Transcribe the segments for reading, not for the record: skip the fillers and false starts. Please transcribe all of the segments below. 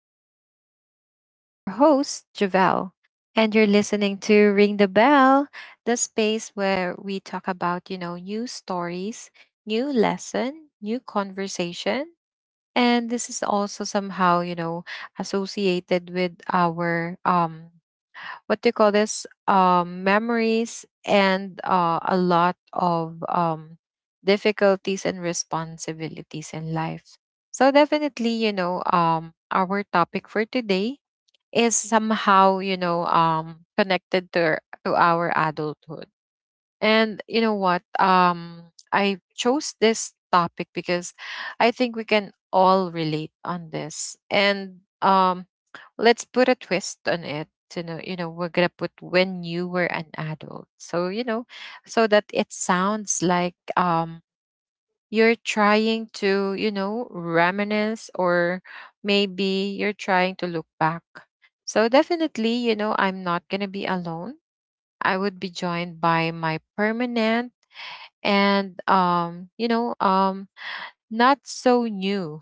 And this is me, your host, Javel. And you're listening to Ring the Bell, the space where we talk about, new stories, new lesson, new conversation. And this is also somehow, associated with our, what do you call this? Memories and a lot of difficulties and responsibilities in life, so definitely, our topic for today is somehow, connected to our adulthood. And you know what? I chose this topic because I think we can all relate on this. And let's put a twist on it. We're gonna put when you were an adult. So you know, so that it sounds like you're trying to, you know, reminisce, or maybe you're trying to look back. So definitely, you know, I'm not gonna be alone. I would be joined by my permanent and, not so new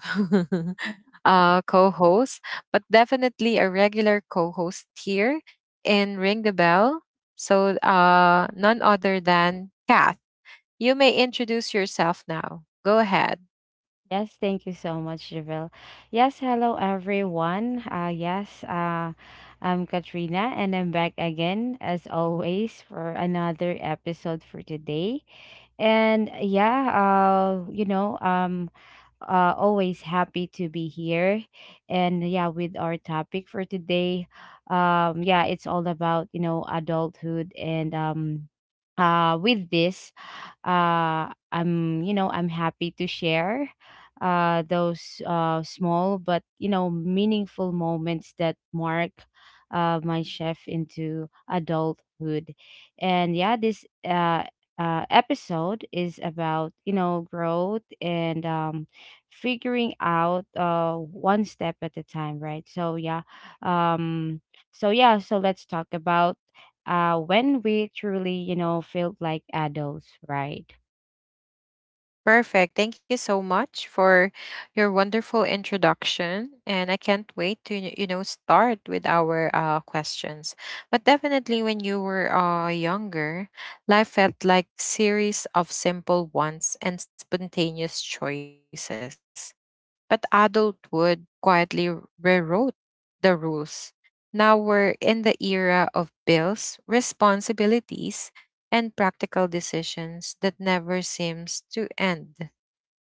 co-host, but definitely a regular co-host here in Ring the Bell. So none other than Kath. You may introduce yourself now. Go ahead. Yes, thank you so much, Javelle. Yes, hello everyone. Yes, I'm Katrina and I'm back again as always for another episode for today. And yeah, always happy to be here. And yeah, with our topic for today, yeah, it's all about, adulthood. And with this, I'm you know I'm happy to share those, small but, meaningful moments that mark my chef into adulthood. And yeah, this, episode is about, growth, and, figuring out, one step at a time, right? So yeah. um so yeah, so let's talk about when we truly, felt like adults, right? Perfect. Thank you so much for your wonderful introduction. And I can't wait to, you know, start with our questions. But definitely, when you were younger, life felt like series of simple wants and spontaneous choices. But adulthood quietly rewrote the rules. Now we're in the era of bills, responsibilities, and practical decisions that never seems to end.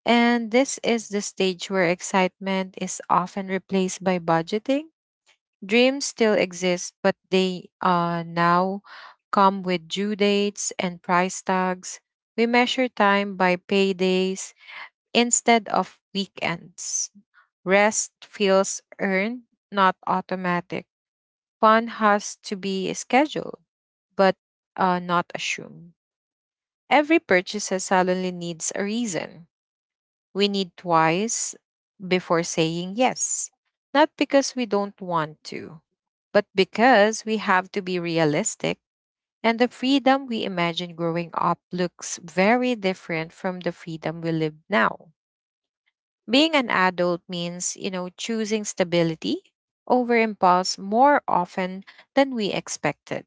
And this is the stage where excitement is often replaced by budgeting. Dreams still exist, but they now come with due dates and price tags. We measure time by paydays instead of weekends. Rest feels earned, not automatic. Fun has to be scheduled, but not assumed. Every purchase suddenly needs a reason. We need twice before saying yes. Not because we don't want to, but because we have to be realistic. And the freedom we imagined growing up looks very different from the freedom we live now. Being an adult means, you know, choosing stability over impulse more often than we expected.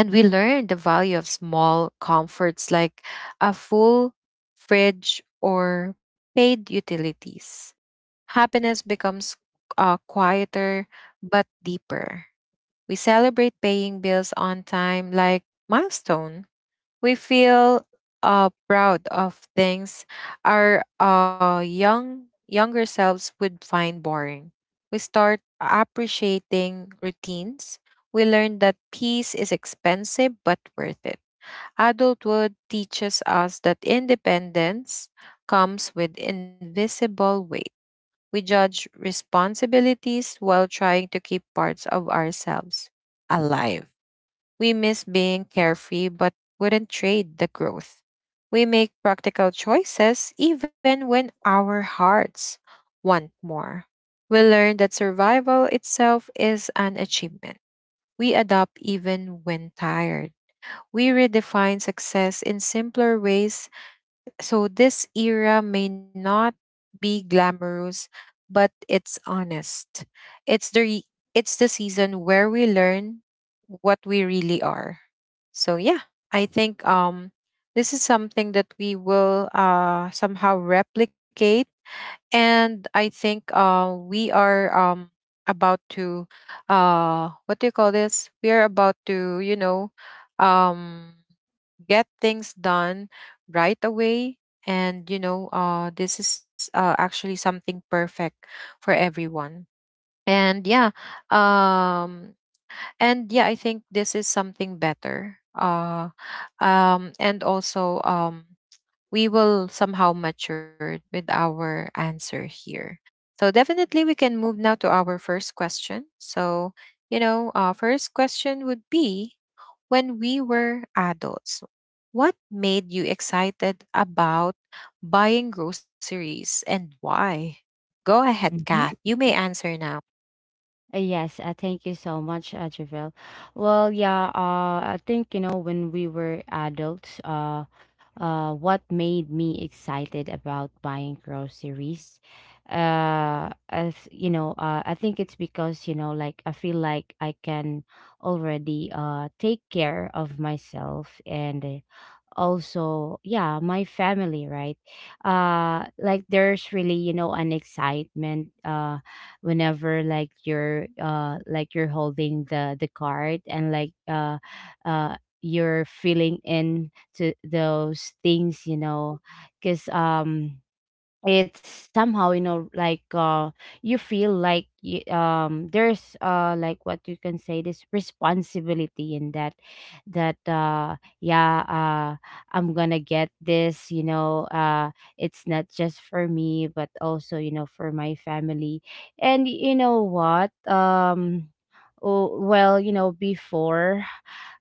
And we learn the value of small comforts like a full fridge or paid utilities. Happiness becomes quieter but deeper. We celebrate paying bills on time like milestone. We feel proud of things our younger selves would find boring. We start appreciating routines. We learn that peace is expensive but worth it. Adulthood teaches us that independence comes with invisible weight. We judge responsibilities while trying to keep parts of ourselves alive. We miss being carefree but wouldn't trade the growth. We make practical choices even when our hearts want more. We learn that survival itself is an achievement. We adapt even when tired. We redefine success in simpler ways. So this era may not be glamorous, but it's honest. It's the re- it's the season where we learn what we really are. So yeah, I think this is something that we will somehow replicate, and I think we are about to what do you call this? We are about to, you know, um get things done right away. And you know, this is actually something perfect for everyone. And yeah, um and yeah, I think this is something better, and also we will somehow mature with our answer here. So definitely we can move now to our first question. So, you know, our first question would be, when we were adults, what made you excited about buying groceries and why? Go ahead, Kath. Mhm. You may answer now. Yes, thank you so much, Javel. Well, yeah, I think, when we were adults, what made me excited about buying groceries, as, I think it's because, like, I feel like I can already take care of myself, and, also, yeah, my family, right? Like, there's really, an excitement whenever, like, you're like, you're holding the card, and, like, uh you're filling in to those things, because, it's somehow, like, you feel like, there's, like, what you can say, this responsibility in that, yeah, I'm gonna get this, it's not just for me, but also, for my family. And you know what? Oh, well, you know, before,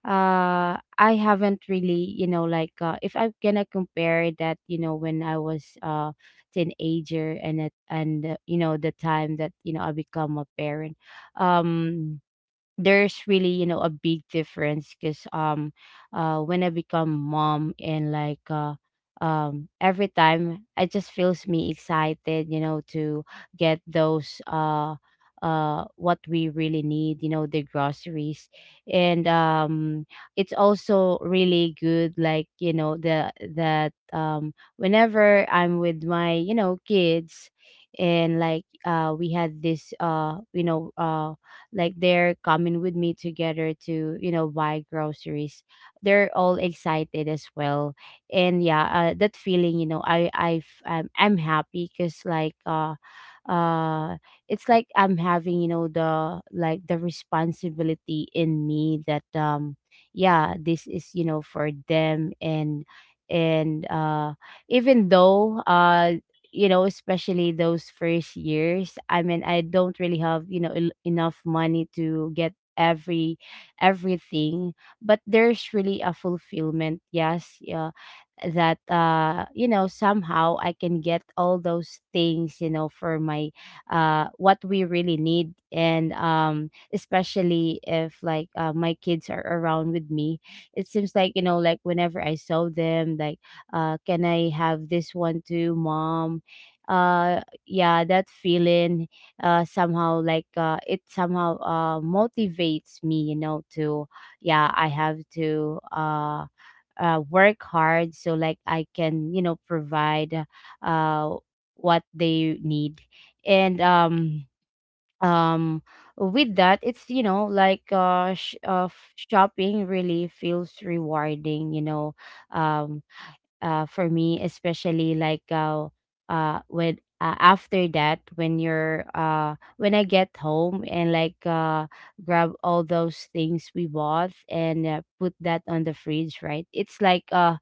I haven't really, like, if I'm gonna compare that, you know, when I was teenager, and you know, the time that, you know, I become a parent. Um there's really, a big difference, because, when I become mom, and, like, every time, it just feels me excited, you know, to get those, what we really need, you know, the groceries. And, it's also really good, like, you know, the that, whenever I'm with my, you know, kids, and, like, we had this, like, they're coming with me together to, you know, buy groceries. They're all excited as well. And yeah, that feeling, you know, I'm happy, because, like, uh it's like, I'm having, you know, the responsibility in me, that, yeah, this is, you know, for them. And even though, you know, especially those first years, I mean, I don't really have, you know, enough money to get everything, but there's really a fulfillment. Yes, yeah, that, you know, somehow I can get all those things, you know, for my, what we really need. And, especially if, like, my kids are around with me. It seems like, you know, like, whenever I saw them, like, can I have this one too, mom? Yeah, that feeling somehow, like, it somehow motivates me, you know, to, yeah, I have to, work hard, so, like, I can, you know, provide uh what they need. And, um with that, it's, you know, like, shopping really feels rewarding, you know. um for me, especially, like, when after that, when you're when I get home, and, like, grab all those things we bought, and, put that on the fridge, right? It's like, uh,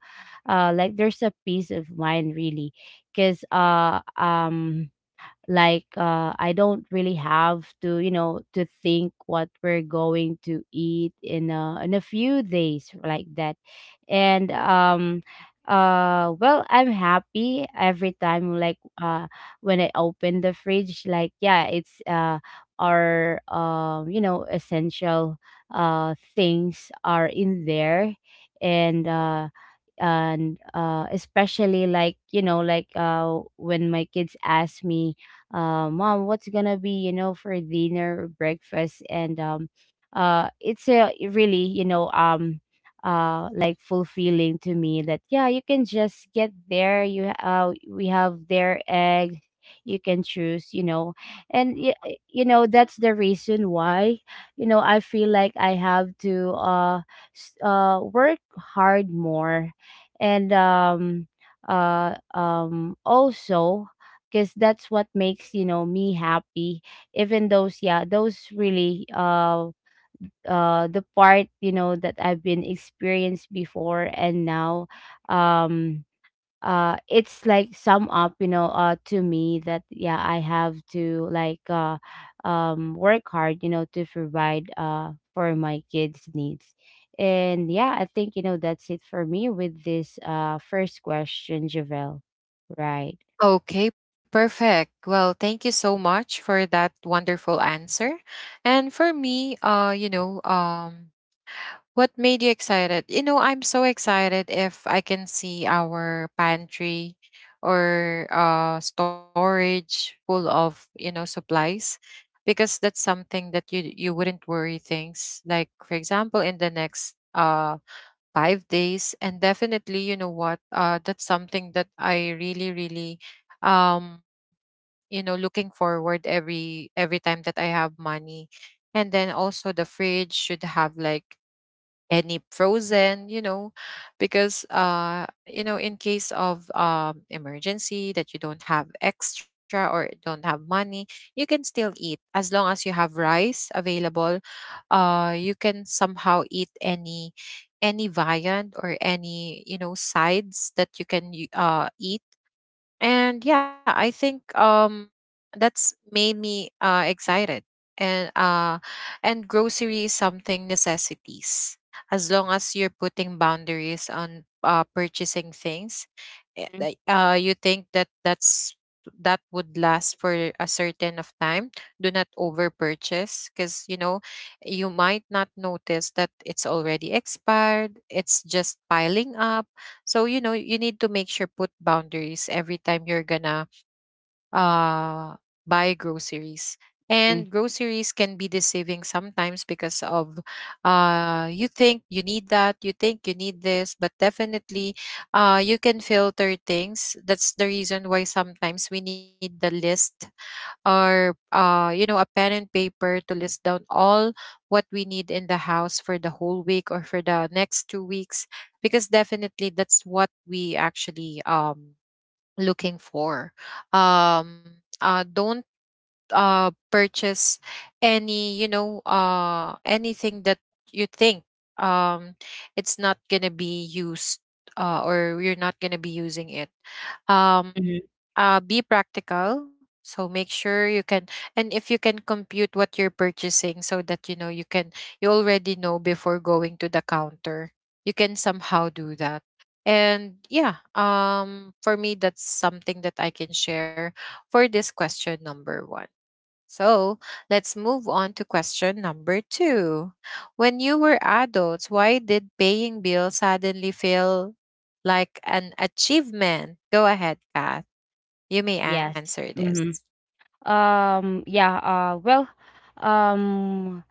uh, like, there's a peace of mind, really, because, like, I don't really have to, you know, to think what we're going to eat in a few days, like that. And, well, I'm happy every time, like, when I open the fridge, like, yeah, it's, our, you know, essential, things are in there. And uh and uh, especially, like, you know, like, when my kids ask me, mom, what's gonna be, you know, for dinner or breakfast, and, it's a really, you know, like, fulfilling to me, that, yeah, you can just get there, you, we have their egg, you can choose, you know. And, you know, that's the reason why, you know, I feel like I have to, work hard more. And, also, because that's what makes, you know, me happy. Even those, yeah, those really, the part, you know, that I've been experienced before and now. um it's like sum up, you know, to me, that, yeah, I have to, like, work hard, you know, to provide for my kids needs. And yeah, I think, you know, that's it for me with this first question, Javel, right? Okay, perfect. Well, thank you so much for that wonderful answer. And for me, you know, what made you excited? You know, I'm so excited if I can see our pantry or storage full of, you know, supplies, because that's something that you wouldn't worry things like, for example, in the next 5 days. And definitely, you know what, that's something that I really really um you know, looking forward every time that I have money. And then also the fridge should have like any frozen, you know, because you know, in case of emergency that you don't have extra or don't have money, you can still eat as long as you have rice available. You can somehow eat any viand or any, you know, sides that you can eat. And yeah, I think that's made me excited. And uh and grocery is something necessities, as long as you're putting boundaries on purchasing things. Like, you think that that would last for a certain of time. Do not over purchase, because you know, you might not notice that it's already expired, it's just piling up. So you know, you need to make sure put boundaries every time you're gonna uh buy groceries. And Mm-hmm. groceries can be deceiving sometimes because of, you think you need that, you think you need this, but definitely you can filter things. That's the reason why sometimes we need the list, or you know, a pen and paper to list down all what we need in the house for the whole week or for the next 2 weeks, because definitely that's what we actually looking for. Don't purchase any, anything that you think um, it's not gonna be used, or you're not gonna be using it. um, Hmm. Be practical, so make sure you can. And if you can compute what you're purchasing, so that you know you can, you already know before going to the counter, you can somehow do that. And yeah, for me, that's something that I can share for this question number one. So let's move on to question number two. When you were adults, why did paying bills suddenly feel like an achievement? Go ahead, Kath. You may Yes. answer this. Mm-hmm. Yeah. Well, um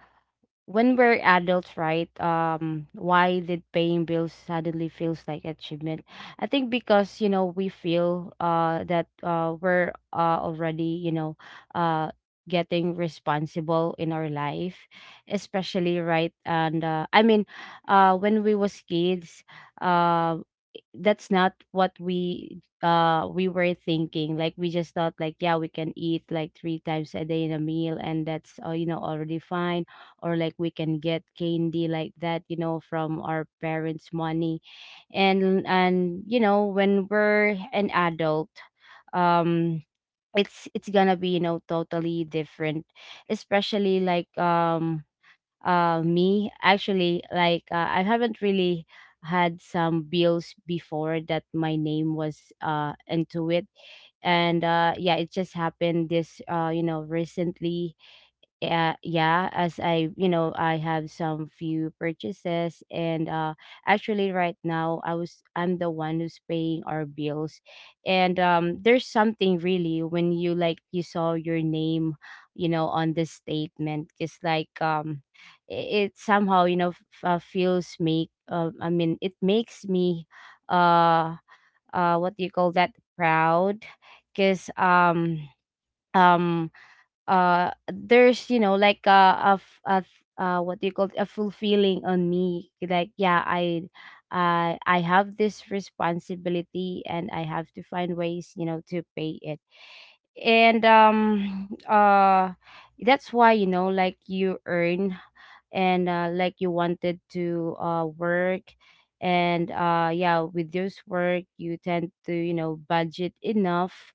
when we're adults, right? Why did paying bills suddenly feels like achievement? I think because, you know, we feel, that, we're, already, you know, uh getting responsible in our life, especially, right? And, I mean, when we was kids, um that's not what we, we were thinking. Like, we just thought like, yeah, we can eat like three times a day in a meal, and that's, you know, already fine. Or, like, we can get candy like that, you know, from our parents money. And, you know, when we're an adult, um it's gonna be, you know, totally different. Especially, like, me actually, like, I haven't really had some bills before that my name was, into it. And, yeah, it just happened this, you know, recently. Yeah, yeah, as I, you know, I have some few purchases. And, actually, right now, I'm the one who's paying our bills. And, there's something really when you, like, you saw your name, you know, on the statement. It's like, it, it somehow, you know, f- feels make I mean, it makes me, uh what do you call that, proud, because, um there's, you know, like, what do you call it? A fulfilling on me, like, yeah, I have this responsibility, and I have to find ways, you know, to pay it. And, that's why, you know, like, you earn. And, like, you wanted to, work. And, yeah, with this work, you tend to, you know, budget enough.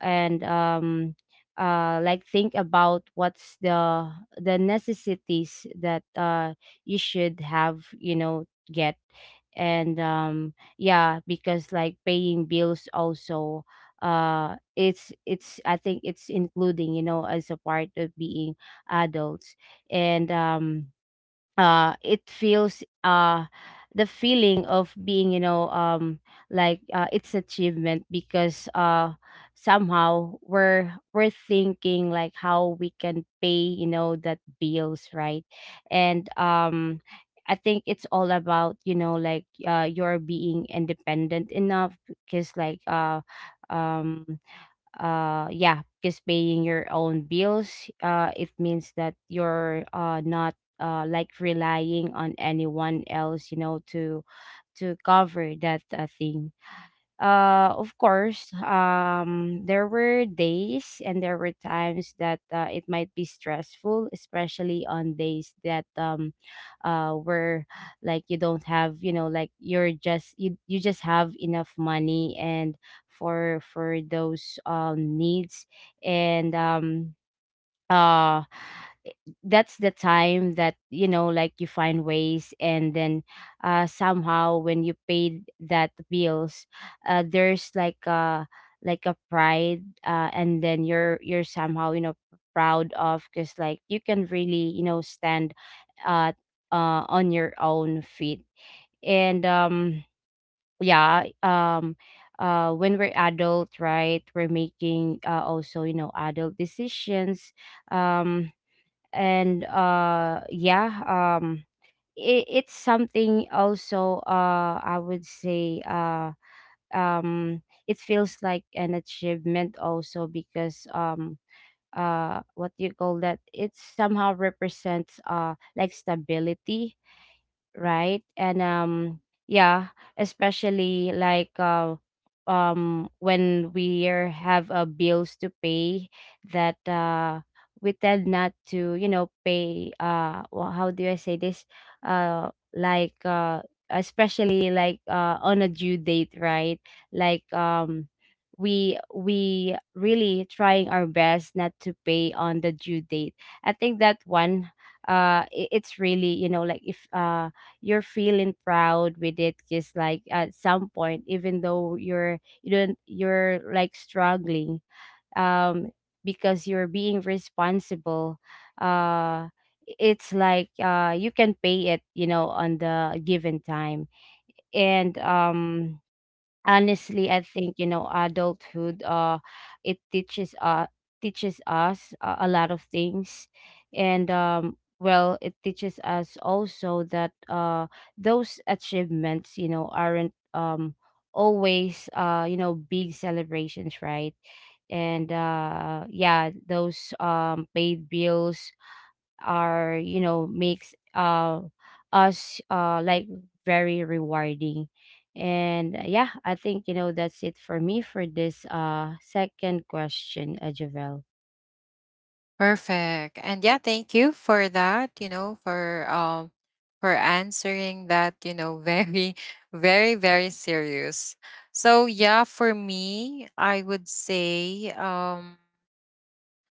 And, like, think about what's the necessities that, you should have, you know, get. And, yeah, because, like, paying bills also, it's, I think it's including, you know, as a part of being adults. And, it feels, the feeling of being, you know, like, it's achievement, because, somehow, we're thinking like how we can pay, you know, that bills, right? And, I think it's all about, you know, like, you're being independent enough. Because, like, um yeah, because paying your own bills, it means that you're, not, like, relying on anyone else, you know, to cover that, thing. Of course, there were days and there were times that, it might be stressful, especially on days that, where, like, you don't have, you know, like, you, you just have enough money, and for those, needs. And, uh that's the time that, you know, like, you find ways, and then, somehow, when you paid that bills, there's, like, a, like, a pride. And then you're somehow, you know, proud of, because, like, you can really, you know, stand, uh on your own feet. And, yeah. When we're adult, right, we're making, also, you know, adult decisions. um and, yeah. um it, it's something also, I would say, it feels like an achievement also, because, what do you call that, it somehow represents, like stability, right? And, yeah, especially, like, when we are, have, bills to pay that, we tend not to, you know, pay, well, how do I say this? Like, especially, like, on a due date, right? Like, we really trying our best not to pay on the due date. I think that one, it's really, you know, like if you're feeling proud with it, just like at some point, even though you're you don't you're like struggling, um because you're being responsible. uh it's like you can pay it, you know, on the given time. And honestly, I think, you know, adulthood it teaches us, a lot of things. And well, it teaches us also that those achievements, you know, aren't always you know big celebrations, right? And yeah, those paid bills are, you know, makes us like very rewarding. And yeah, I think, you know, that's it for me for this second question, Javel. Perfect. And yeah, thank you for that, you know, for answering that, you know, very very serious. So yeah, for me, I would say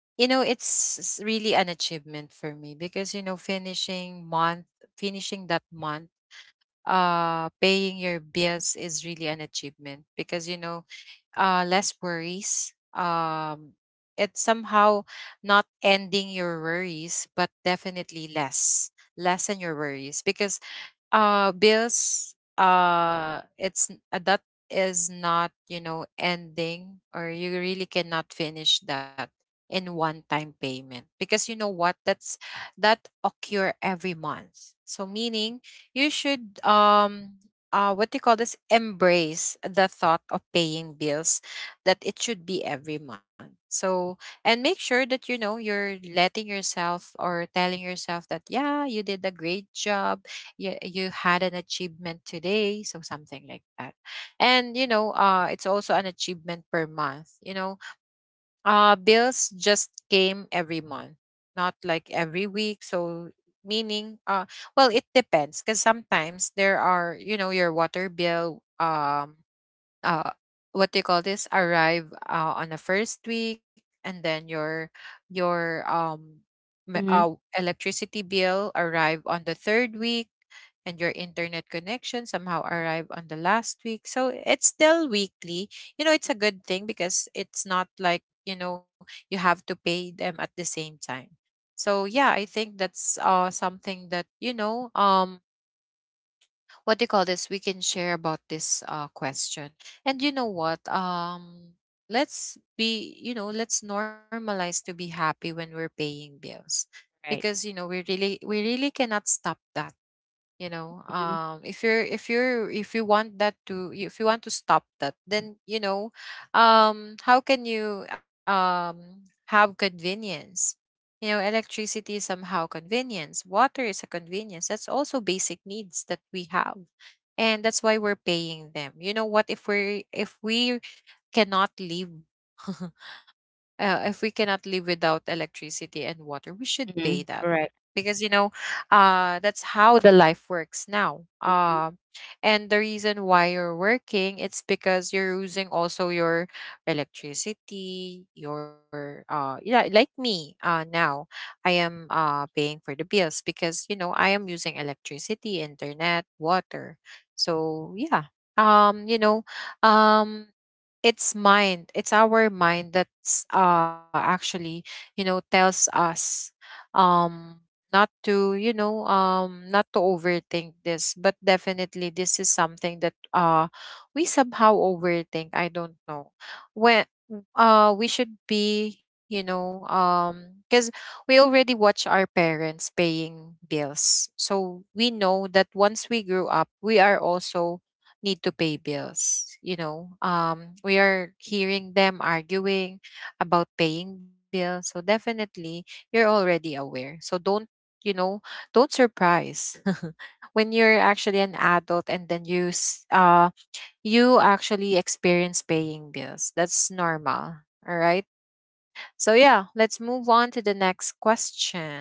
you know, really an achievement for me, because you know, finishing that month, paying your bills is really an achievement, because you know, less worries. It's somehow not ending your worries, but definitely lessen your worries. Because bills, that is not, you know, ending, or you really cannot finish that in one time payment. Because you know what, that occur every month. So meaning you should what do you call this, embrace the thought of paying bills, that it should be every month. So and make sure that you know, you're letting yourself or telling yourself that yeah, you did a great job. You had an achievement today, so something like that. And you know, it's also an achievement per month, you know, bills just came every month, not like every week. So meaning well, it depends, because sometimes there are, you know, your water bill, uh what do you call this, arrive on the first week. And then your me- Mm-hmm. uh, electricity bill arrive on the third week, and your internet connection somehow arrived on the last week. So it's still weekly. You know, it's a good thing because it's not like, you know, you have to pay them at the same time. So yeah, I think that's something that, you know, what do you call this, we can share about this question. And you know what? Let's be, you know, let's normalize to be happy when we're paying bills. Because, Right. you know, we really cannot stop that, you know. Mhm. If you're, if you want that to if you want to stop that, then you know, how can you have convenience? You know, electricity is somehow convenience, water is a convenience, that's also basic needs that we have, and that's why we're paying them. You know what, if we cannot live if we cannot live without electricity and water, we should pay Mhm. that. All right. Because you know, that's how the life works now. Mhm. And the reason why you're working, it's because you're using also your electricity, your yeah, like me now, I am paying for the bills, because you know, I am using electricity, internet, water. So yeah, um, you know, um it's mind it's our mind that's actually tells us um not to not to overthink this. But definitely this is something that we somehow overthink. I don't know when we should be, cuz we already watch our parents paying bills, so we know that once we grew up we are also need to pay bills, you know. We are hearing them arguing about paying bills, so definitely you're already aware. So don't, you know, don't surprise when you're actually an adult and then you you actually experience paying bills. That's normal. All right, so yeah, let's move on to the next question.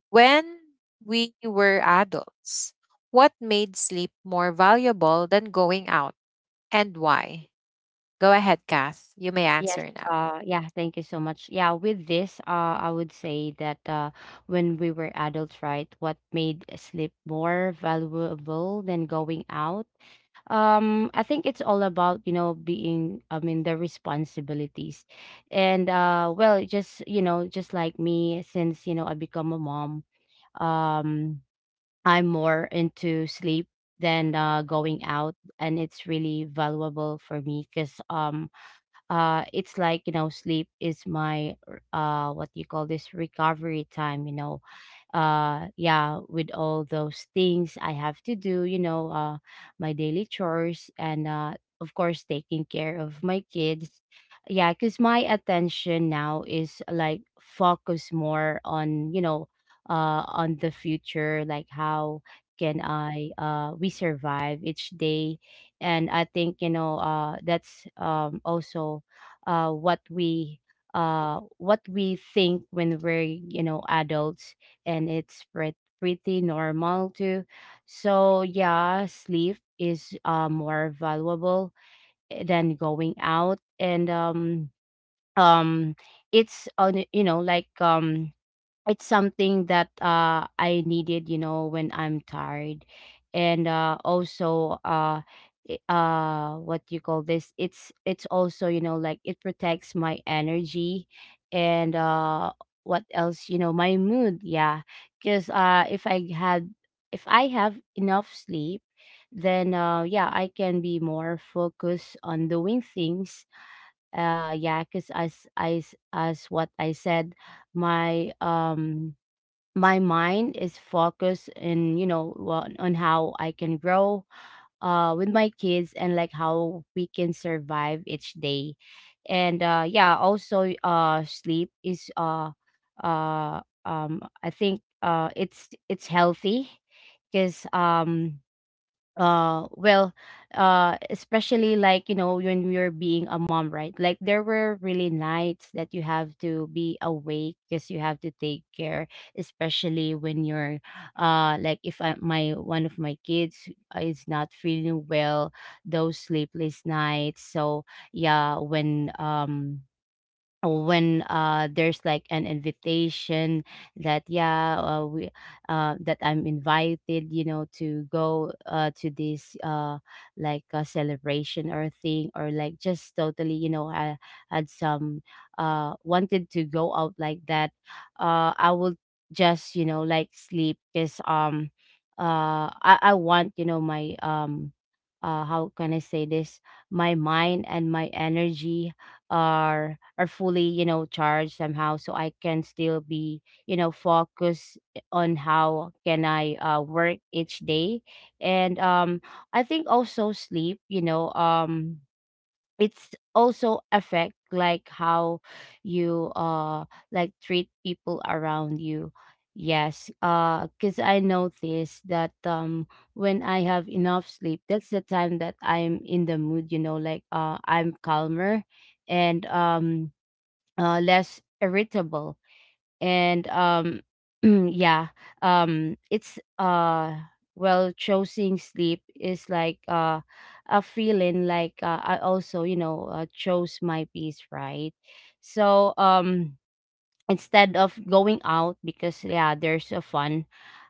When we were adults, what made sleep more valuable than going out, and why? Go ahead, Kath. You may yes answer now. uh yeah, thank you so much. Yeah, with this I would say that when we were adults, right, what made sleep more valuable than going out? I think it's all about, you know, being, I mean, the responsibilities. And well, just, you know, just like me, since, you know, I become a mom, um, I'm more into sleep than going out. And it's really valuable for me because it's like, you know, sleep is my what do you call this, recovery time, you know. Yeah, with all those things I have to do, you know, my daily chores, and of course, taking care of my kids. Yeah, because my attention now is like focus more on, you know, on the future, like how can I we survive each day. And I think, you know, that's also uh what we what we think when we're, you know, adults. And it's pretty pretty normal too. So yeah, sleep is more valuable, than going out. And um it's on you know like um it's something that I needed, you know, when I'm tired. And also, what you call this, it's also, you know, like it protects my energy. And what else, you know, my mood. Yeah, because if I have enough sleep, then yeah, I can be more focused on doing things. Yeah, because as what I said, my mind is focused in you know on how I can grow with my kids, and like how we can survive each day. And yeah, also sleep is uh I think it's healthy. Because well, especially, like, you know, when you're being a mom, right, like there were really nights that you have to be awake because you have to take care. Especially when you're like, if I, my one of my kids is not feeling well, those sleepless nights. So yeah, when there's like an invitation that yeah, we that I'm invited, you know, to go to this like a celebration or thing, or like just totally, you know, I had some wanted to go out like that. I will just, you know, like sleep because I want, you know, my how can I say this, my mind and my energy are fully, you know, charged somehow, so I can still be, you know, focused on how can I work each day. And I think also sleep, you know, it's also affect like how you like treat people around you. Yes, because I noticed that when I have enough sleep, that's the time that I'm in the mood, you know, like I'm calmer and less irritable. And yeah. It's well, choosing sleep is like a feeling like, I also, you know, chose my peace, right? So instead of going out, because yeah, there's a fun,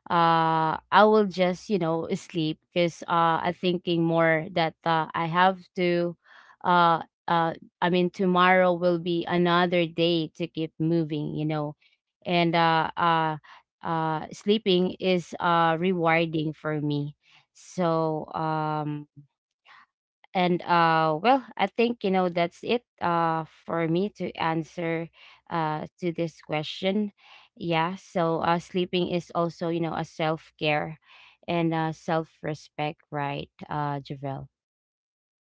I will just, you know, sleep, because I'm thinking more that I have to, uh uh I mean, tomorrow will be another day to keep moving, you know. And sleeping is rewarding for me. So and well, I think, you know, that's it for me to answer to this question. Yeah, so sleeping is also, you know, a self-care and self-respect, right, Javel?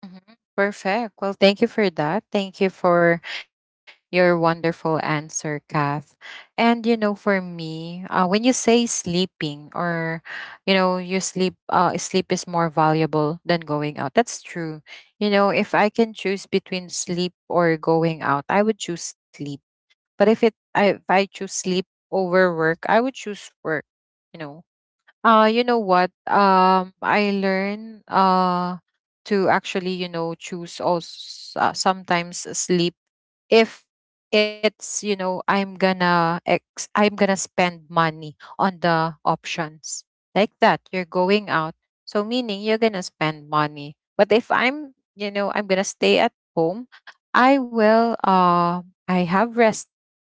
Mhm. Perfect. Well, thank you for that. Thank you for your wonderful answer, Kath. And you know, for me, when you say sleeping or you know, your sleep is more valuable than going out, that's true. You know, if I can choose between sleep or going out, I would choose sleep. But if I choose sleep over work, I would choose work, you know. You know what? I learn to actually, you know, choose also, sometimes sleep if it's, you know, I'm gonna spend money on the options. Like that, you're going out. So meaning you're gonna spend money. But if I'm, you know, I'm gonna stay at home, I will I have rested,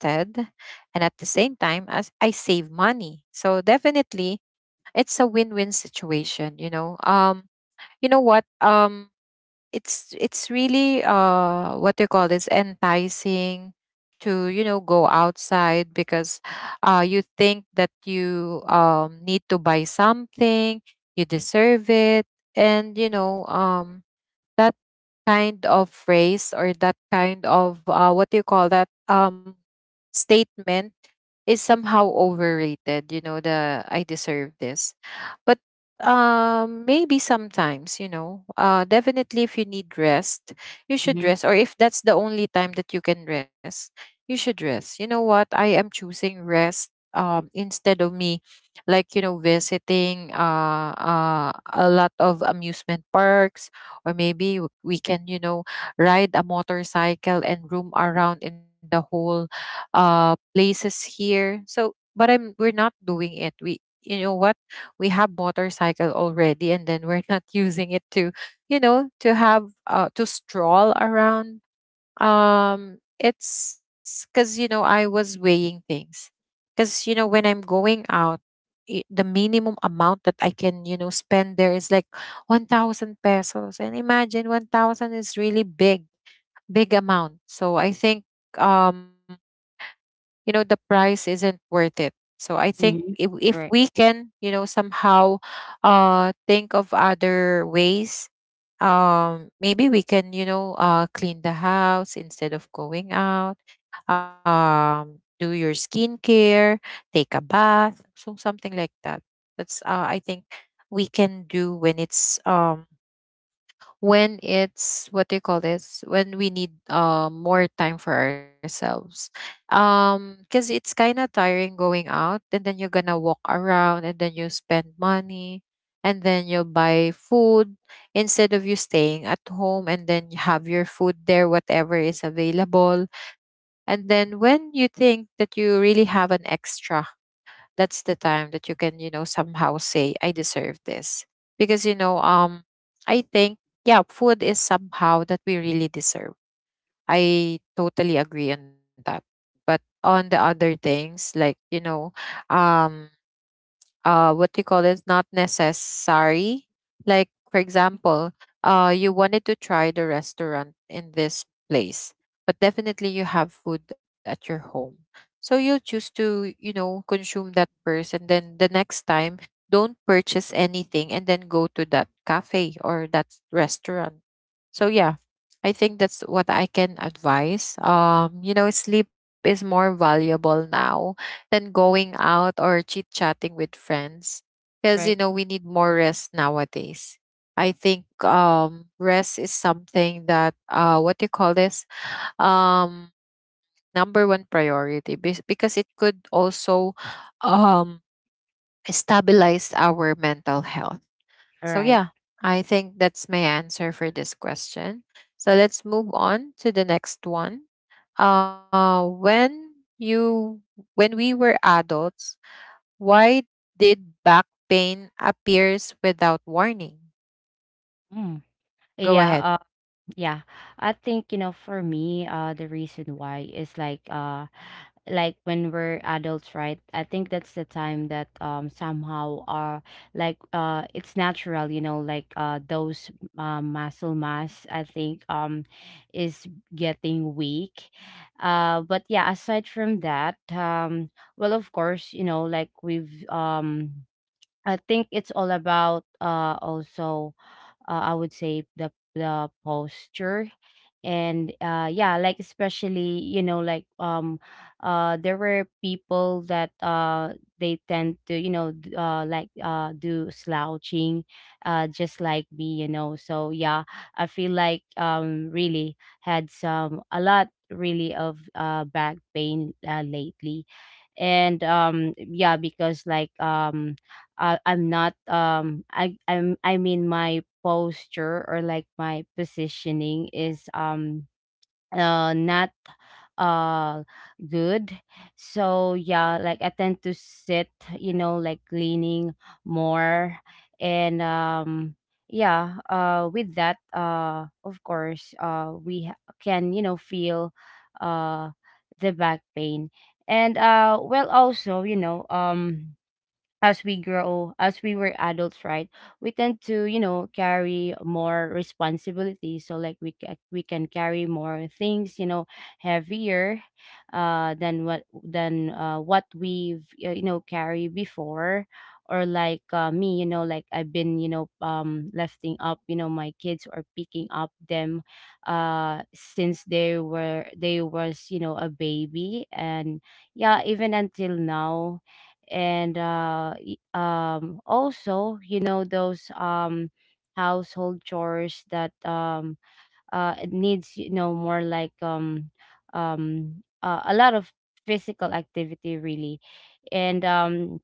and at the same time as I save money. So definitely it's a win-win situation, you know. Um, you know what? Um, it's really, uh, what do you call this, enticing to, you know, go outside, because uh, you think that you need to buy something, you deserve it. And you know, um, that kind of phrase or that kind of, uh, what do you call that, um, statement is somehow overrated, you know, the I deserve this. But um, maybe sometimes, you know, uh, definitely if you need rest, you should Mm-hmm, rest, or if that's the only time that you can rest, you should rest. You know what, I am choosing rest, um, instead of me, like, you know, visiting a lot of amusement parks, or maybe we can, you know, ride a motorcycle and roam around in the whole places here. So but I'm we're not doing it. We, you know what, we have motorcycle already and then we're not using it to, you know, to have to stroll around. Um, it's because you know I was weighing things, because you know when I'm going out, the minimum amount that I can, you know, spend there is like 1000 pesos, and imagine 1000 is really big amount. So I think, um, you know the price isn't worth it. So I think, mm-hmm. If we Right, can, you know, somehow think of other ways. Um, maybe we can, you know, clean the house instead of going out. Um, do your skincare, take a bath, so something like that. That's I think we can do when it's um, when it's what do you call this, when we need more time for ourselves. Um, because it's kind of tiring going out, and then you're gonna walk around, and then you spend money, and then you'll buy food, instead of you staying at home and then you have your food there whatever is available. And then when you think that you really have an extra, that's the time that you can, you know, somehow say I deserve this. Because you know I think yeah food is somehow that we really deserve. I totally agree on that. But on the other things, like you know, um, uh, what do you call it, not necessary. Like for example, uh, you wanted to try the restaurant in this place, but definitely you have food at your home. So you choose to, you know, consume that first, and then the next time don't purchase anything and then go to that cafe or that restaurant. So yeah, I think that's what I can advise. Um, you know, sleep is more valuable now than going out or chit chatting with friends, because you right. know we need more rest nowadays. I think rest is something that what do you call this, um, number one priority, because it could also um stabilize our mental health. All So right. yeah, I think that's my answer for this question. So let's move on to the next one. uh when you when we were adults, why did back pain appears without warning? Mm. Go ahead. Yeah. Yeah, I think, you know, for me, the reason why is like, like when we're adults, right? I think that's the time that somehow like it's natural, you know, like those muscle mass, I think, is getting weak. But yeah, aside from that, well, of course, you know, like we've. I think it's all about also, I would say the posture. And yeah, like especially, you know, like there were people that they tend to, you know, do slouching, just like me, you know. So yeah, I feel like really had some a lot really of back pain, lately. And yeah, because like I'm not I I'm I mean, my posture or like my positioning is not uh good. So yeah, like I tend to sit, you know, like leaning more. And yeah, with that of course can, you know, feel uh the back pain. And well, also, you know, as we grow, as we were adults, right? We tend to, you know, carry more responsibility. So like we can carry more things, you know, heavier than what we've you know, carry before. Or like me, you know, like I've been, you know, lifting up, you know, my kids, or picking up them since they was, you know, a baby, and yeah, even until now. And also, you know, those household chores that it needs, you know, more like a lot of physical activity, really. And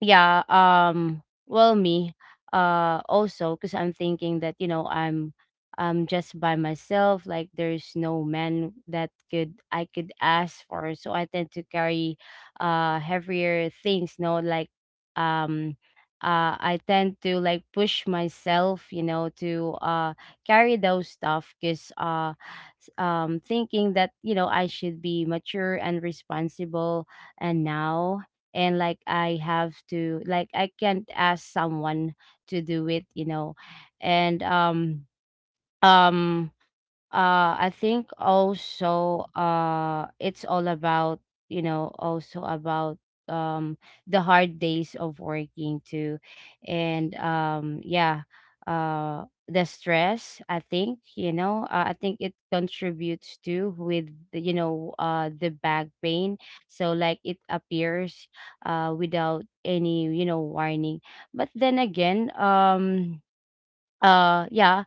yeah, well, me, also, because I'm thinking that, you know, I'm just by myself. Like, there's no man that could I could ask for. So I tend to carry, heavier things. No, like, um, I tend to like push myself, you know, to carry those stuff. 'Cause thinking that, you know, I should be mature and responsible, and now and like I can't ask someone to do it, you know. And um I think also it's all about, you know, also about um the hard days of working, too. And yeah, the stress, I think, you know, I think it contributes to with the, you know, the back pain. So like it appears without any, you know, warning. But then again, yeah.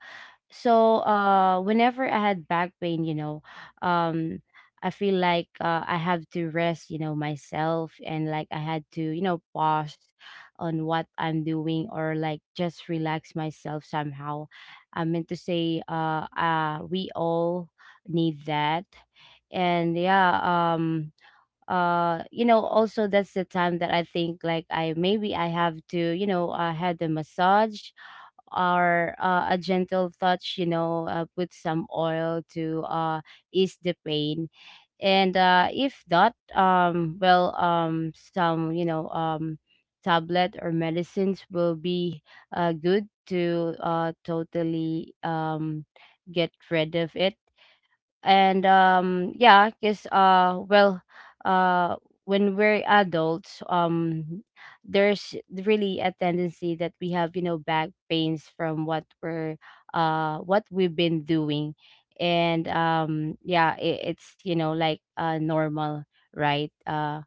So whenever I had back pain, you know, um I feel like I have to rest, you know, myself. And like I had to, you know, pause on what I'm doing, or like just relax myself somehow. I meant to say, we all need that. And yeah, you know, also, that's the time that I think like I maybe I have to, you know, had the massage, or a gentle touch, you know, put some oil to ease the pain. And if that well, some, you know, tablet or medicines will be good to totally get rid of it. And yeah, because well, uh when we're adults, there's really a tendency that we have, you know, back pains from what we've been doing. And yeah, it's, you know, like normal, right,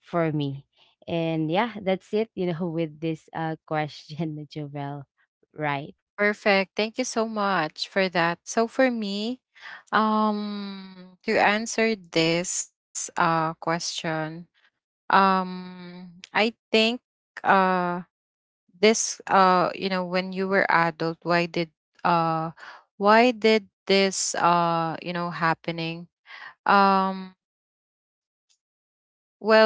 for me. And yeah, that's it, you know, with this question, Jovel. Right. Perfect. Thank you so much for that. So for me, to answer this question, I think uh this you know when you were adult, uh why did this you know happening? Um, well,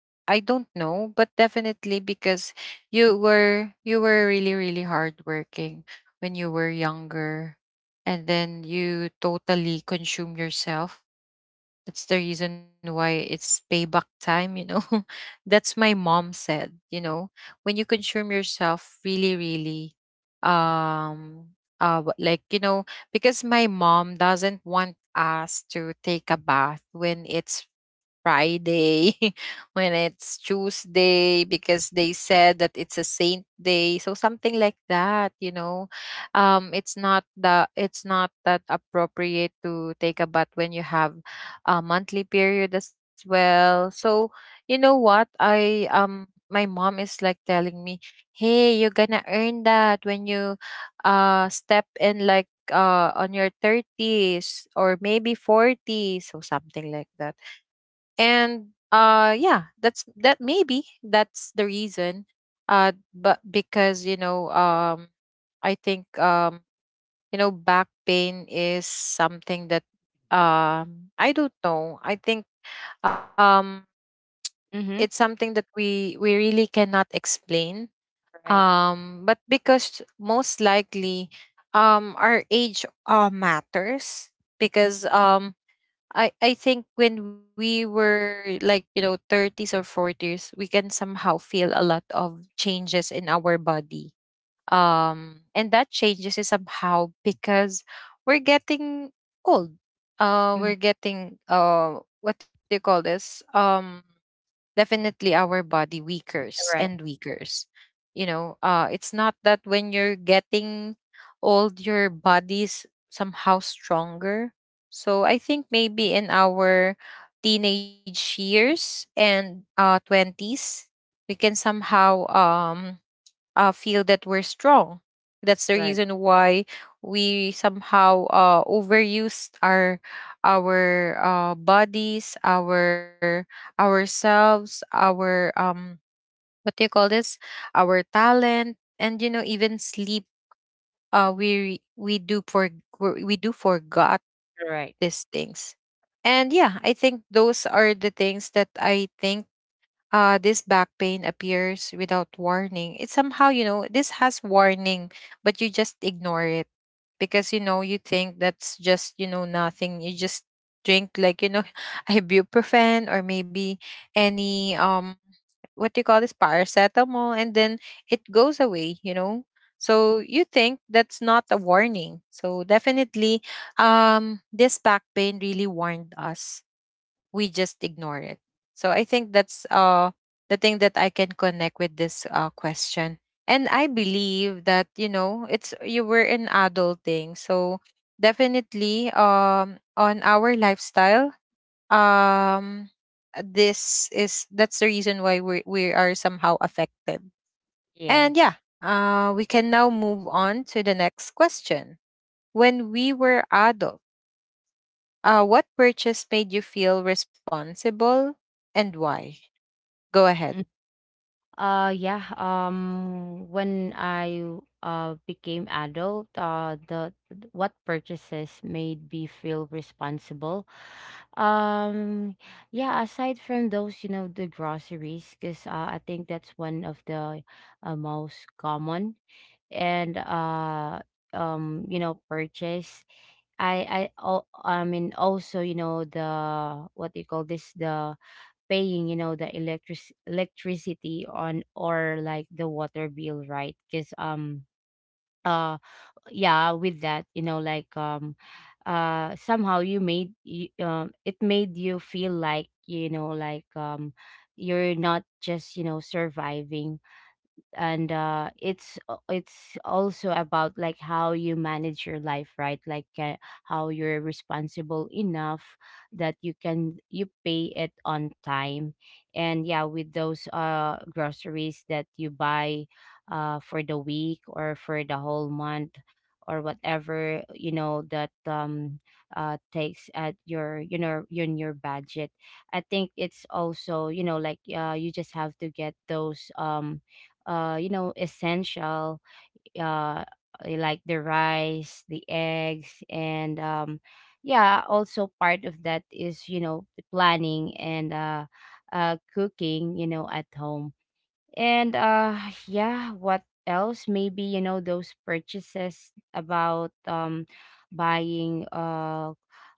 I don't know, but definitely because you were really really hardworking when you were younger, and then you totally consume yourself. That's the reason why it's payback time, you know. That's my mom said, you know, when you consume yourself really, really, um, like, you know, because my mom doesn't want us to take a bath when it's Friday, when it's Tuesday, because they said that it's a saint day. So something like that, you know. It's not the it's not that appropriate to take a bath when you have monthly period as well. So you know what? I my mom is like telling me, "Hey, you're gonna earn that when you step in like on your 30s or maybe 40s, so something like that." And yeah, that's that maybe that's the reason. Uh, but because you know I think you know back pain is something that I don't know, I think um it's Mm-hmm. something that we really cannot explain, Right. um, but because most likely our age matters. Because I think when we were like, you know, 30s or 40s, we can somehow feel a lot of changes in our body, um, and that changes is somehow because we're getting old. Uh, Mm. we're getting what do you call this um, definitely our body weakers Right. and weakers. You know, uh, it's not that when you're getting old your body's somehow stronger. So I think maybe in our teenage years and 20s, we can somehow feel that we're strong. That's the Right. reason why we somehow overuse our bodies, ourselves, our what do you call this? Our talent, and you know even sleep. We do for we do forgot Right. these things. And yeah, I think those are the things that I think this back pain appears without warning. It's somehow, you know, this has warning, but you just ignore it, because, you know, you think that's just, you know, nothing. You just drink like, you know, ibuprofen or maybe any, what do you call this, paracetamol, and then it goes away, you know. So you think that's not a warning. So definitely, this back pain really warned us, we just ignore it. So I think that's the thing that I can connect with this question. And I believe that, you know, it's you were in adulting. So definitely on our lifestyle, um this is that's the reason why we are somehow affected. And yeah, Yes. We can now move on to the next question. When we were adults, what purchase made you feel responsible, and why? Go ahead. Mm. Yeah, when I became adult, what purchases made me feel responsible? Um yeah, aside from those, you know, the groceries, because I think that's one of the most common, and you know, purchase. I oh, I mean also, the — what do you call this — the paying, the electricity on, or like the water bill, right? Because uh yeah, with that, like somehow it made you feel like, like you're not just, surviving. And it's also about like how you manage your life, right? Like how you're responsible enough that you pay it on time. And yeah, with those groceries that you buy for the week or for the whole month, or whatever, that takes at your, in your budget. I think it's also, like, you just have to get those essential, uh like the rice, the eggs, and yeah, also part of that is, the planning and cooking, at home. And yeah, what else? Maybe, those purchases about buying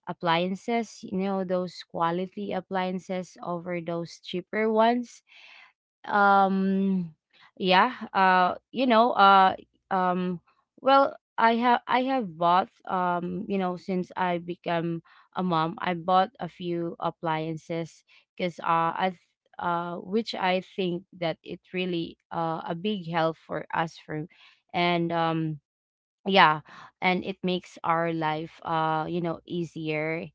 appliances, those quality appliances over those cheaper ones. Um yeah, um well, I have bought, since I become a mom, I bought a few appliances, because uh i th- which I think that it really a big help for us, for. And yeah, and it makes our life, easier,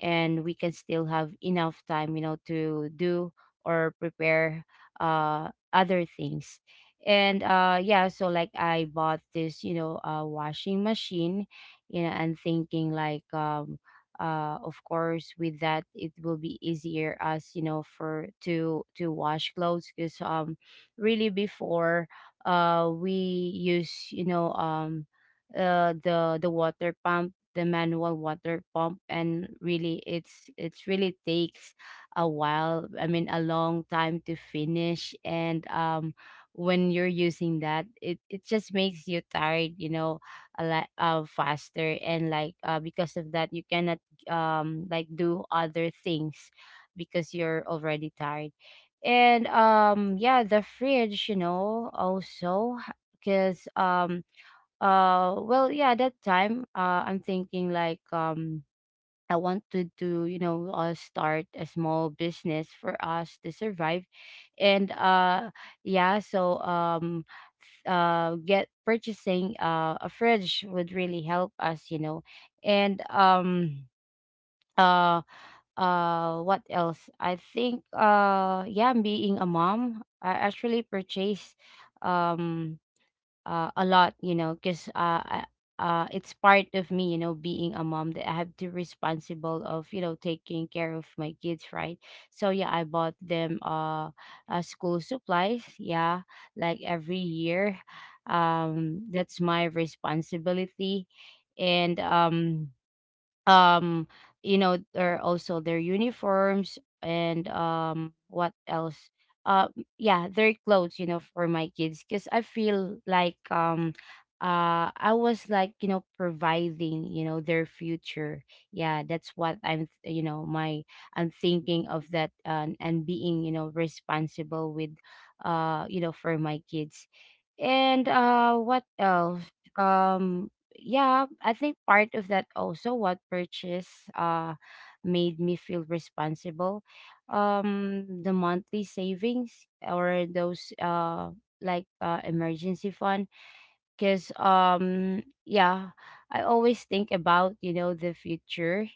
and we can still have enough time, to do or prepare other things. And yeah, so like I bought this, washing machine, and thinking like, of course, with that, it will be easier, as you know, for to wash clothes, because really before, we use, the water pump, the manual water pump, and really it's really takes a while. I mean, a long time to finish. And when you're using that, it just makes you tired, you know, a lot faster. And like because of that, you cannot like do other things, because you're already tired. And yeah, the fridge, you know, also, because well, yeah, that time, I'm thinking like, I wanted to, start a small business for us to survive. And yeah, so get purchasing a fridge would really help us, you know. And uh what else? I think yeah, being a mom, I actually purchased, um a lot, you know, because it's part of me, you know, being a mom, that I have to responsible of, you know, taking care of my kids, right? So yeah, I bought them school supplies, yeah, like every year. That's my responsibility, and um or also their uniforms. And what else? uh yeah, their clothes, you know, for my kids, because I feel like, I was like, providing, you know, their future. Yeah, that's what I'm th- you know my I'm thinking of. That, and being, you know, responsible with, for my kids. And what else? Yeah, I think part of that also, what purchase uh made me feel responsible. The monthly savings, or those emergency fund, because yeah, I always think about, you know, the future.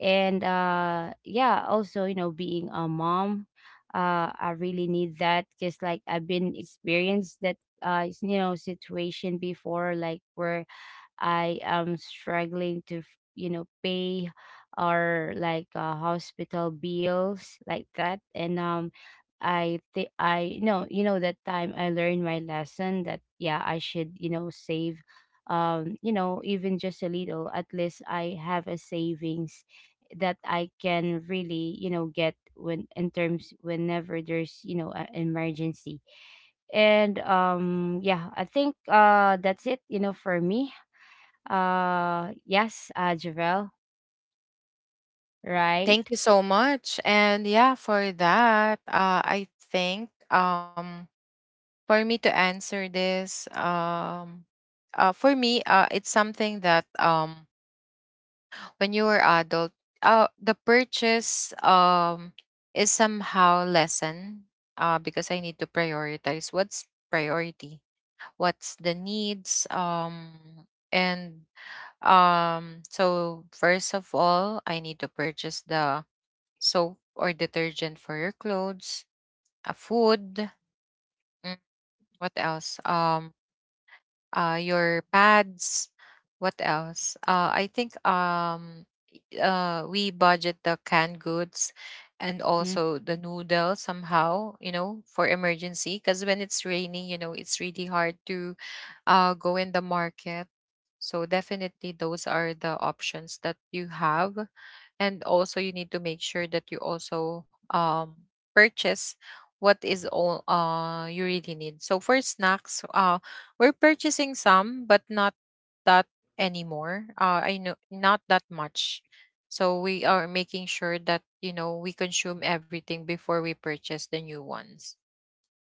And yeah, also, you know, being a mom, I really need that, because, like, I've been experienced that, situation before, like where I am struggling to, pay our, hospital bills like that. And I think I — no, you know, that time I learned my lesson, that, yeah, I should, you know, save, even just a little. At least I have a savings that I can really, you know, get when in terms, whenever there's, you know, an emergency. And yeah, I think that's it, you know, for me. Yes, Javel, Thank right? you so much. And yeah, for that, I think for me to answer this, for me, it's something that when you were adult, the purchase is somehow lessened, because I need to prioritize what's priority, what's the needs, and um, so first of all, I need to purchase the soap or detergent for your clothes, a food, mm, what else? Your pads, what else? I think we budget the canned goods, and Mm-hmm. also the noodles somehow you know for emergency, because when it's raining you know it's really hard to go in the market. So definitely those are the options that you have. And also you need to make sure that you also purchase what is all you really need. So for snacks, uh, we're purchasing some but not that anymore. Uh, I know not that much. So we are making sure that, you know, we consume everything before we purchase the new ones.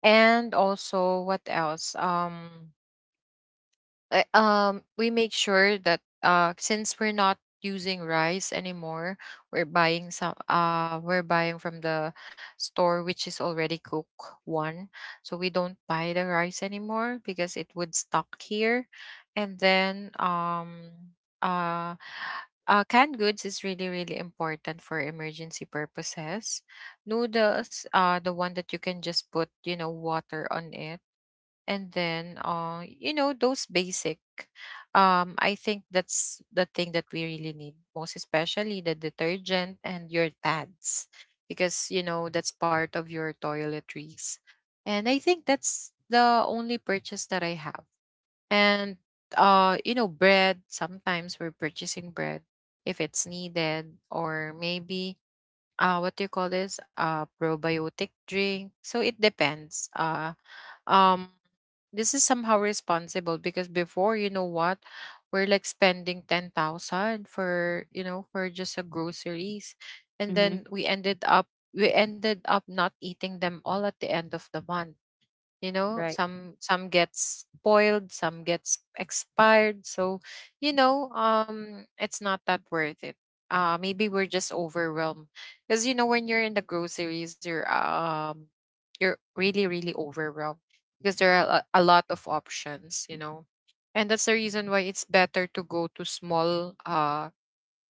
And also what else? We make sure that since we're not using rice anymore, we're buying from the store which is already cooked one, so we don't buy the rice anymore because it would stock here. And then uh Canned goods is really important for emergency purposes. Noodles, the one that you can just put water on it. And then uh you know those basic, I think that's the thing that we really need, most especially the detergent and your pads, because you know that's part of your toiletries. And I think that's the only purchase that I have. And bread, sometimes we're purchasing bread if it's needed. Or maybe, what do you call this, probiotic drink. So it depends. Um this is somehow responsible because before, you know what, we're like spending 10,000 for, you know, for just a groceries. And Mm-hmm. then we ended up, we ended up not eating them all at the end of the month. You know, Right. some gets spoiled, some gets expired. So, you know, it's not that worth it. Maybe we're just overwhelmed, because you know when you're in the groceries, you're really overwhelmed because there are a lot of options, you know. And that's the reason why it's better to go to small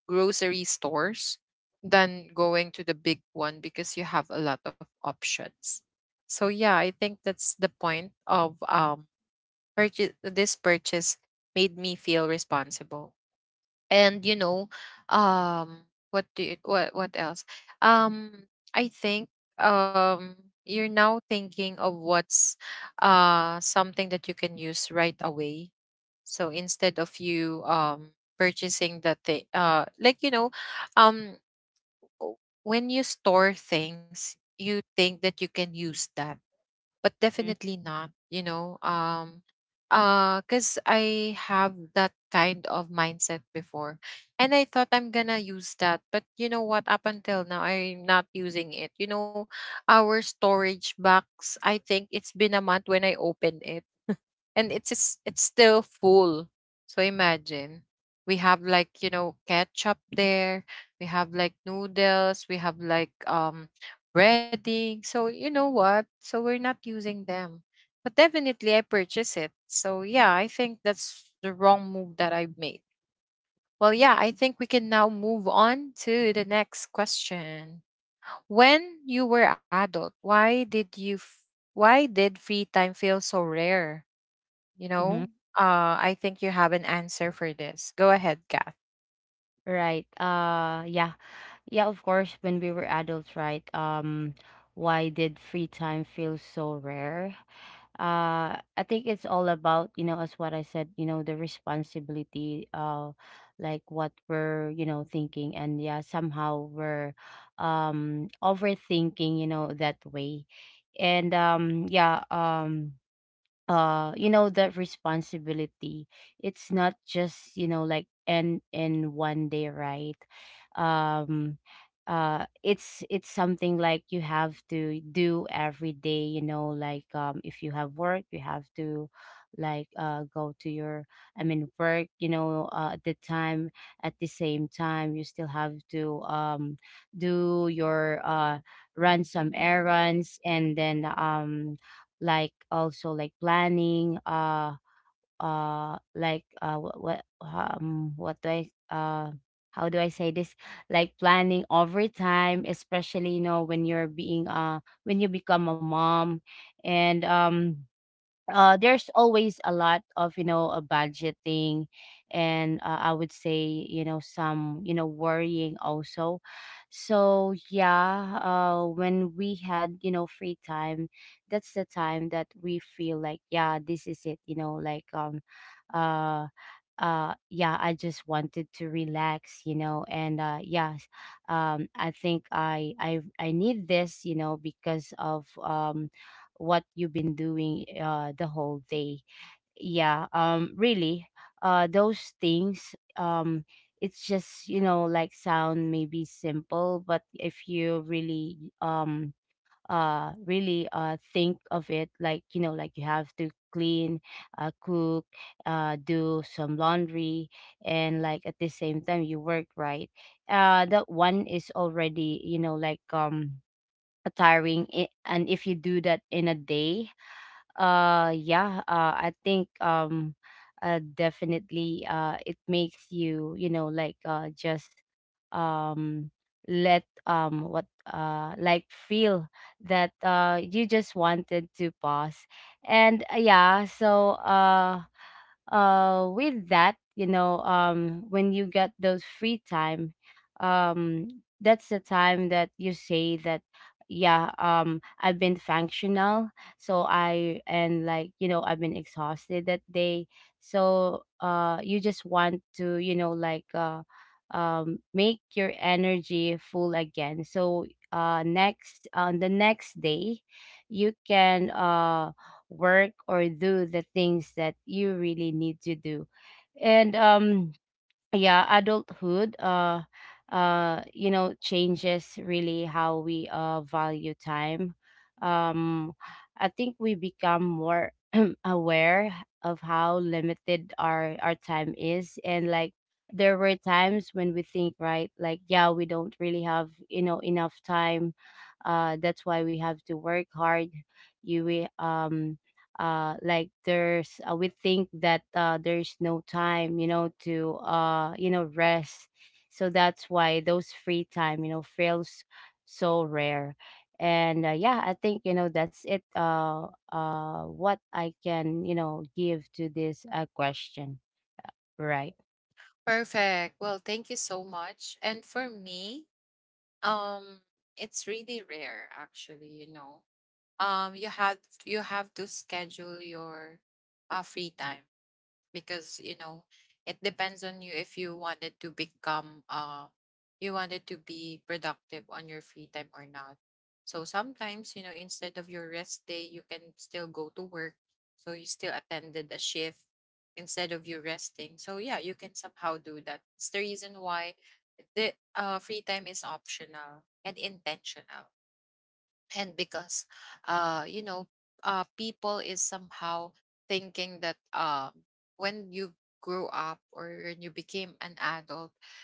grocery stores than going to the big one, because you have a lot of options. So yeah, I think that's the point of, purchase, this purchase made me feel responsible. And you know, what else? Um I think um you're now thinking of what's something that you can use right away. So instead of you purchasing that thing, um, w- when you store things, you think that you can use that, but Mm-hmm. definitely not. Because I have that kind of mindset before, and I thought I'm gonna use that. But you know what? Up until now, I'm not using it. You know, our storage box, I think it's been a month when I opened it, and it's still full. So imagine, we have like you know ketchup there, we have like noodles, we have like breading. So you know what? So we're not using them, but definitely I purchase it. So yeah, I think that's the wrong move that I made. Well, yeah, I think we can now move on to the next question. When you were adult, why did free time feel so rare? You Mm-hmm. know, I think you have an answer for this. Go ahead, Kath. Right. Yeah. Yeah, of course, when we were adults, right? Why did free time feel so rare? I think it's all about, you know, as what I said, you know, the responsibility, like what we're, you know, thinking. And yeah, somehow we're overthinking, you know, that way. And yeah, that responsibility, it's not just, you know, like end in one day, right? Um uh it's it's something like you have to do every day, you know, like, if you have work, you have to, like, go to your — I mean, work, you know, at the time. At the same time, you still have to do your, run some errands, and then, like, also, like, planning, what do I how do I say this, like, planning overtime, especially, you know, when you're being when you become a mom. And there's always a lot of, you know, budgeting. And I would say, you know, some, you know, worrying also. So yeah, when we had, you know, free time, that's the time that we feel like, yeah, this is it, you know, like, uh yeah, I just wanted to relax, you know. And yeah, I think I need this, you know, because of what you've been doing the whole day. Yeah, really those things, it's just, you know, like, sound maybe simple. But if you really really think of it, like, you know, like, you have to clean, cook, do some laundry, and, like, at the same time, you work, right? That one is already, you know, like, tiring, and if you do that in a day, yeah, I think, definitely it makes you, you know, like, just um let what like feel that you just wanted to pause. And yeah, so with that, you know, when you get those free time, um that's the time that you say that, yeah, I've been functional. So I and like, you know, I've been exhausted that day. So you just want to, you know, like, make your energy full again. So next on the next day, you can work or do the things that you really need to do. And yeah, adulthood, changes really how we value time. um I think we become more aware of how limited our time is. And, like, there were times when we think, right, like, yeah, we don't really have, you know, enough time, that's why we have to work hard. You we like, there's, we think that there's no time, you know, to, rest. So that's why those free time, you know, feels so rare. And yeah, I think, you know, that's it, what I can, you know, give to this, question, right? Perfect. Well, thank you so much. And for me, um, it's really rare actually, you know. You have, you have to schedule your free time, because you know it depends on you if you wanted to become you wanted to be productive on your free time or not. So sometimes, you know, instead of your rest day, you can still go to work, so you still attended a shift instead of you resting. So yeah, you can somehow do that. It's the reason why the free time is optional and intentional. And because uh you know people is somehow thinking that when you grew up or when you became an adult,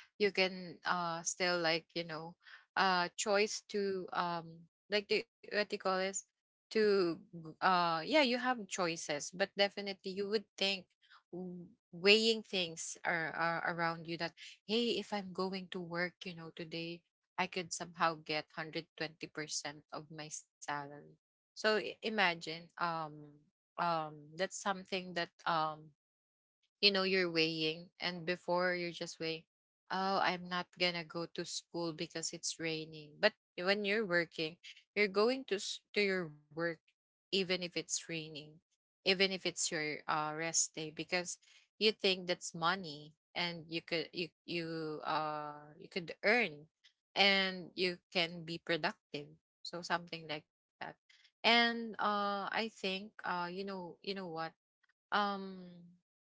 you can still like you know choice to like what do you call this, yeah, you have choices. But definitely you would think, weighing things are around you, that hey, if I'm going to work, you know, today, I could somehow get 120% of my salary. So imagine, that's something that you know you're weighing. And before you're just weighing, oh, I'm not gonna go to school because it's raining. But when you're working, you're going to to your work even if it's raining, even if it's your rest day, because you think that's money and you could, you could earn, and you can be productive. So something like that. And I think you know what, um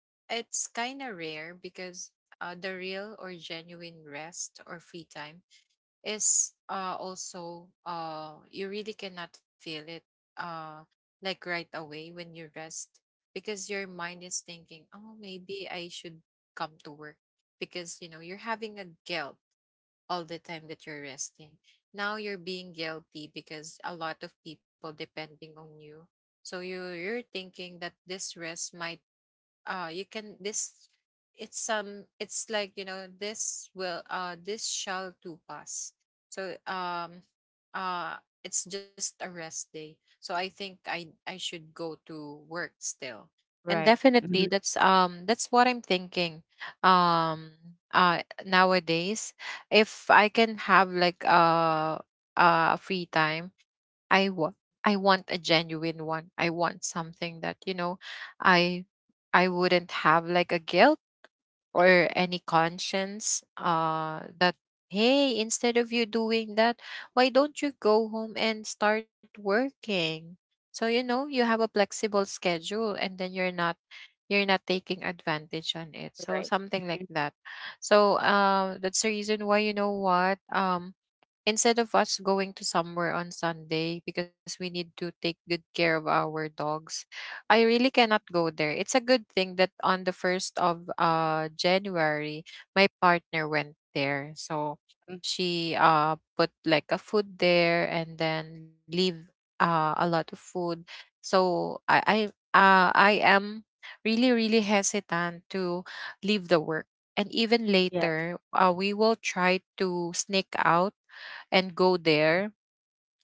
it's kind of rare because the real or genuine rest or free time is also you really cannot feel it uh, like right away when you rest, because your mind is thinking, oh, maybe I should come to work, because you know you're having a guilt all the time that you're resting. Now you're being guilty because a lot of people depending on you. So you're thinking that this rest might, you can this it's some, it's like you know this will, this shall to pass. So uh it's just a rest day, so I think I should go to work still. And Right. definitely Hmm. that's, that's what I'm thinking. um Nowadays, if I can have like free time, i want I want a genuine one. I want something that you know, I I wouldn't have like a guilt or any conscience, that hey, instead of you doing that, why don't you go home and start working? So you know, you have a flexible schedule, and then you're not, you're not taking advantage on it. So Right. something like that. So that's the reason why, you know what, instead of us going to somewhere on Sunday, because we need to take good care of our dogs, I really cannot go there. It's a good thing that on the 1st of January, my partner went there. So Mhm. she put like a food there, and then leave a lot of food. So I am really, really hesitant to leave the work. And even Yes. later, we will try to sneak out and go there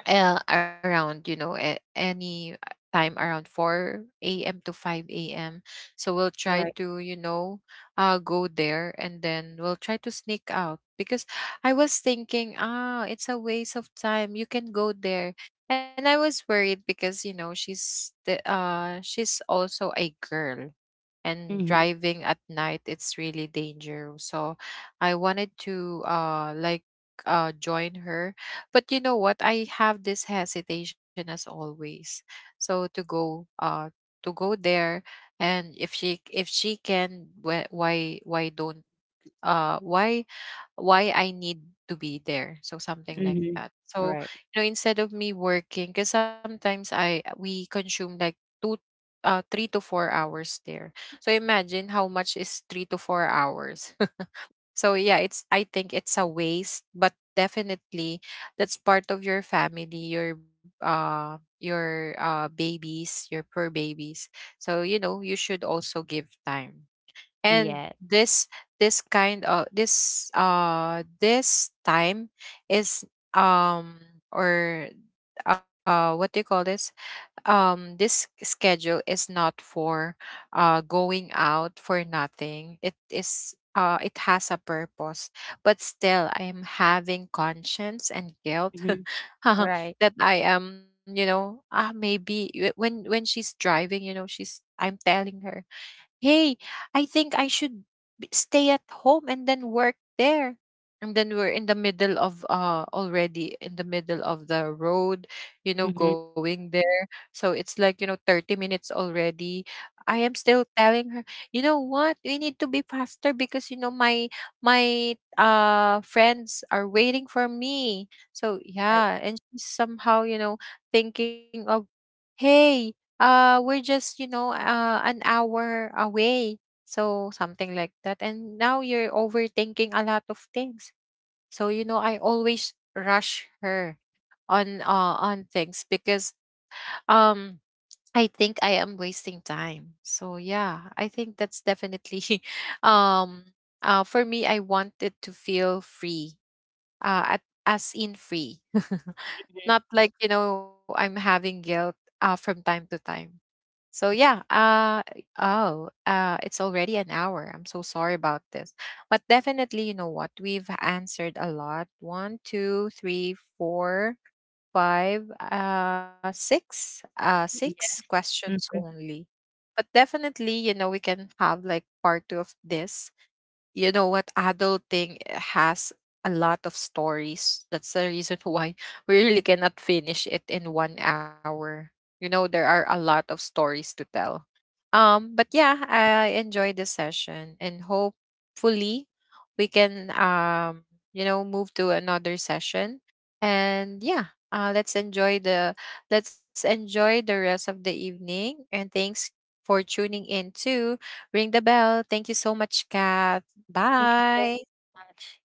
around you know any time, around 4 a.m. to 5 a.m. So we'll try Right. to you know go there, and then we'll try to sneak out, because I was thinking ah, it's a waste of time, you can go there. And I was worried because you know she's also a girl, and Mhm. driving at night, it's really dangerous. So I wanted to join her. But you know what, I have this hesitation as always. So to go there. And if she, if she can, wh- why don't uh why why I need to be there. So something like Mhm. that. So, Right. you know, instead of me working, because sometimes I we consume like two, 3 to 4 hours there. So imagine how much is 3 to 4 hours. So yeah, it's, I think it's a waste, but definitely that's part of your family, your babies, your poor babies. So you know, you should also give time. And Yeah. This kind of this time is, um or what do you call this, this schedule is not for going out for nothing, it is, it has a purpose. But still, I am having conscience and guilt Mhm. Right. that I am, you know, ah, maybe, when she's driving, you know she's I'm telling her, hey, I think I should, stay at home and then work there. And then we're in the middle of, already in the middle of the road, you know, Mhm. going there. So it's like, you know, 30 minutes already. I am still telling her, you know what, we need to be faster, because you know my, friends are waiting for me. So Right. yeah, and she's somehow, you know, thinking of, hey, we're just you know an hour away. So something like that. And now you're overthinking a lot of things, so you know I always rush her on things, because um I think I am wasting time. So yeah, I think that's definitely um for me, I wanted to feel free, at, as in free. Not like you know I'm having guilt from time to time. So yeah, oh, it's already an hour. I'm so sorry about this. But definitely, you know what, we've answered a lot. One, two, three, four, five, six, Mhm. six questions Yeah. only. But definitely, you know, we can have like part two of this. You know what, adulting has a lot of stories. That's the reason why we really cannot finish it in one hour. You know, there are a lot of stories to tell. But yeah, I enjoyed this session, and hopefully we can you know, move to another session. And yeah, let's enjoy the, let's enjoy the rest of the evening. And thanks for tuning in to Ring the Bell. Thank you so much, Kat. Thank you so Bye. much.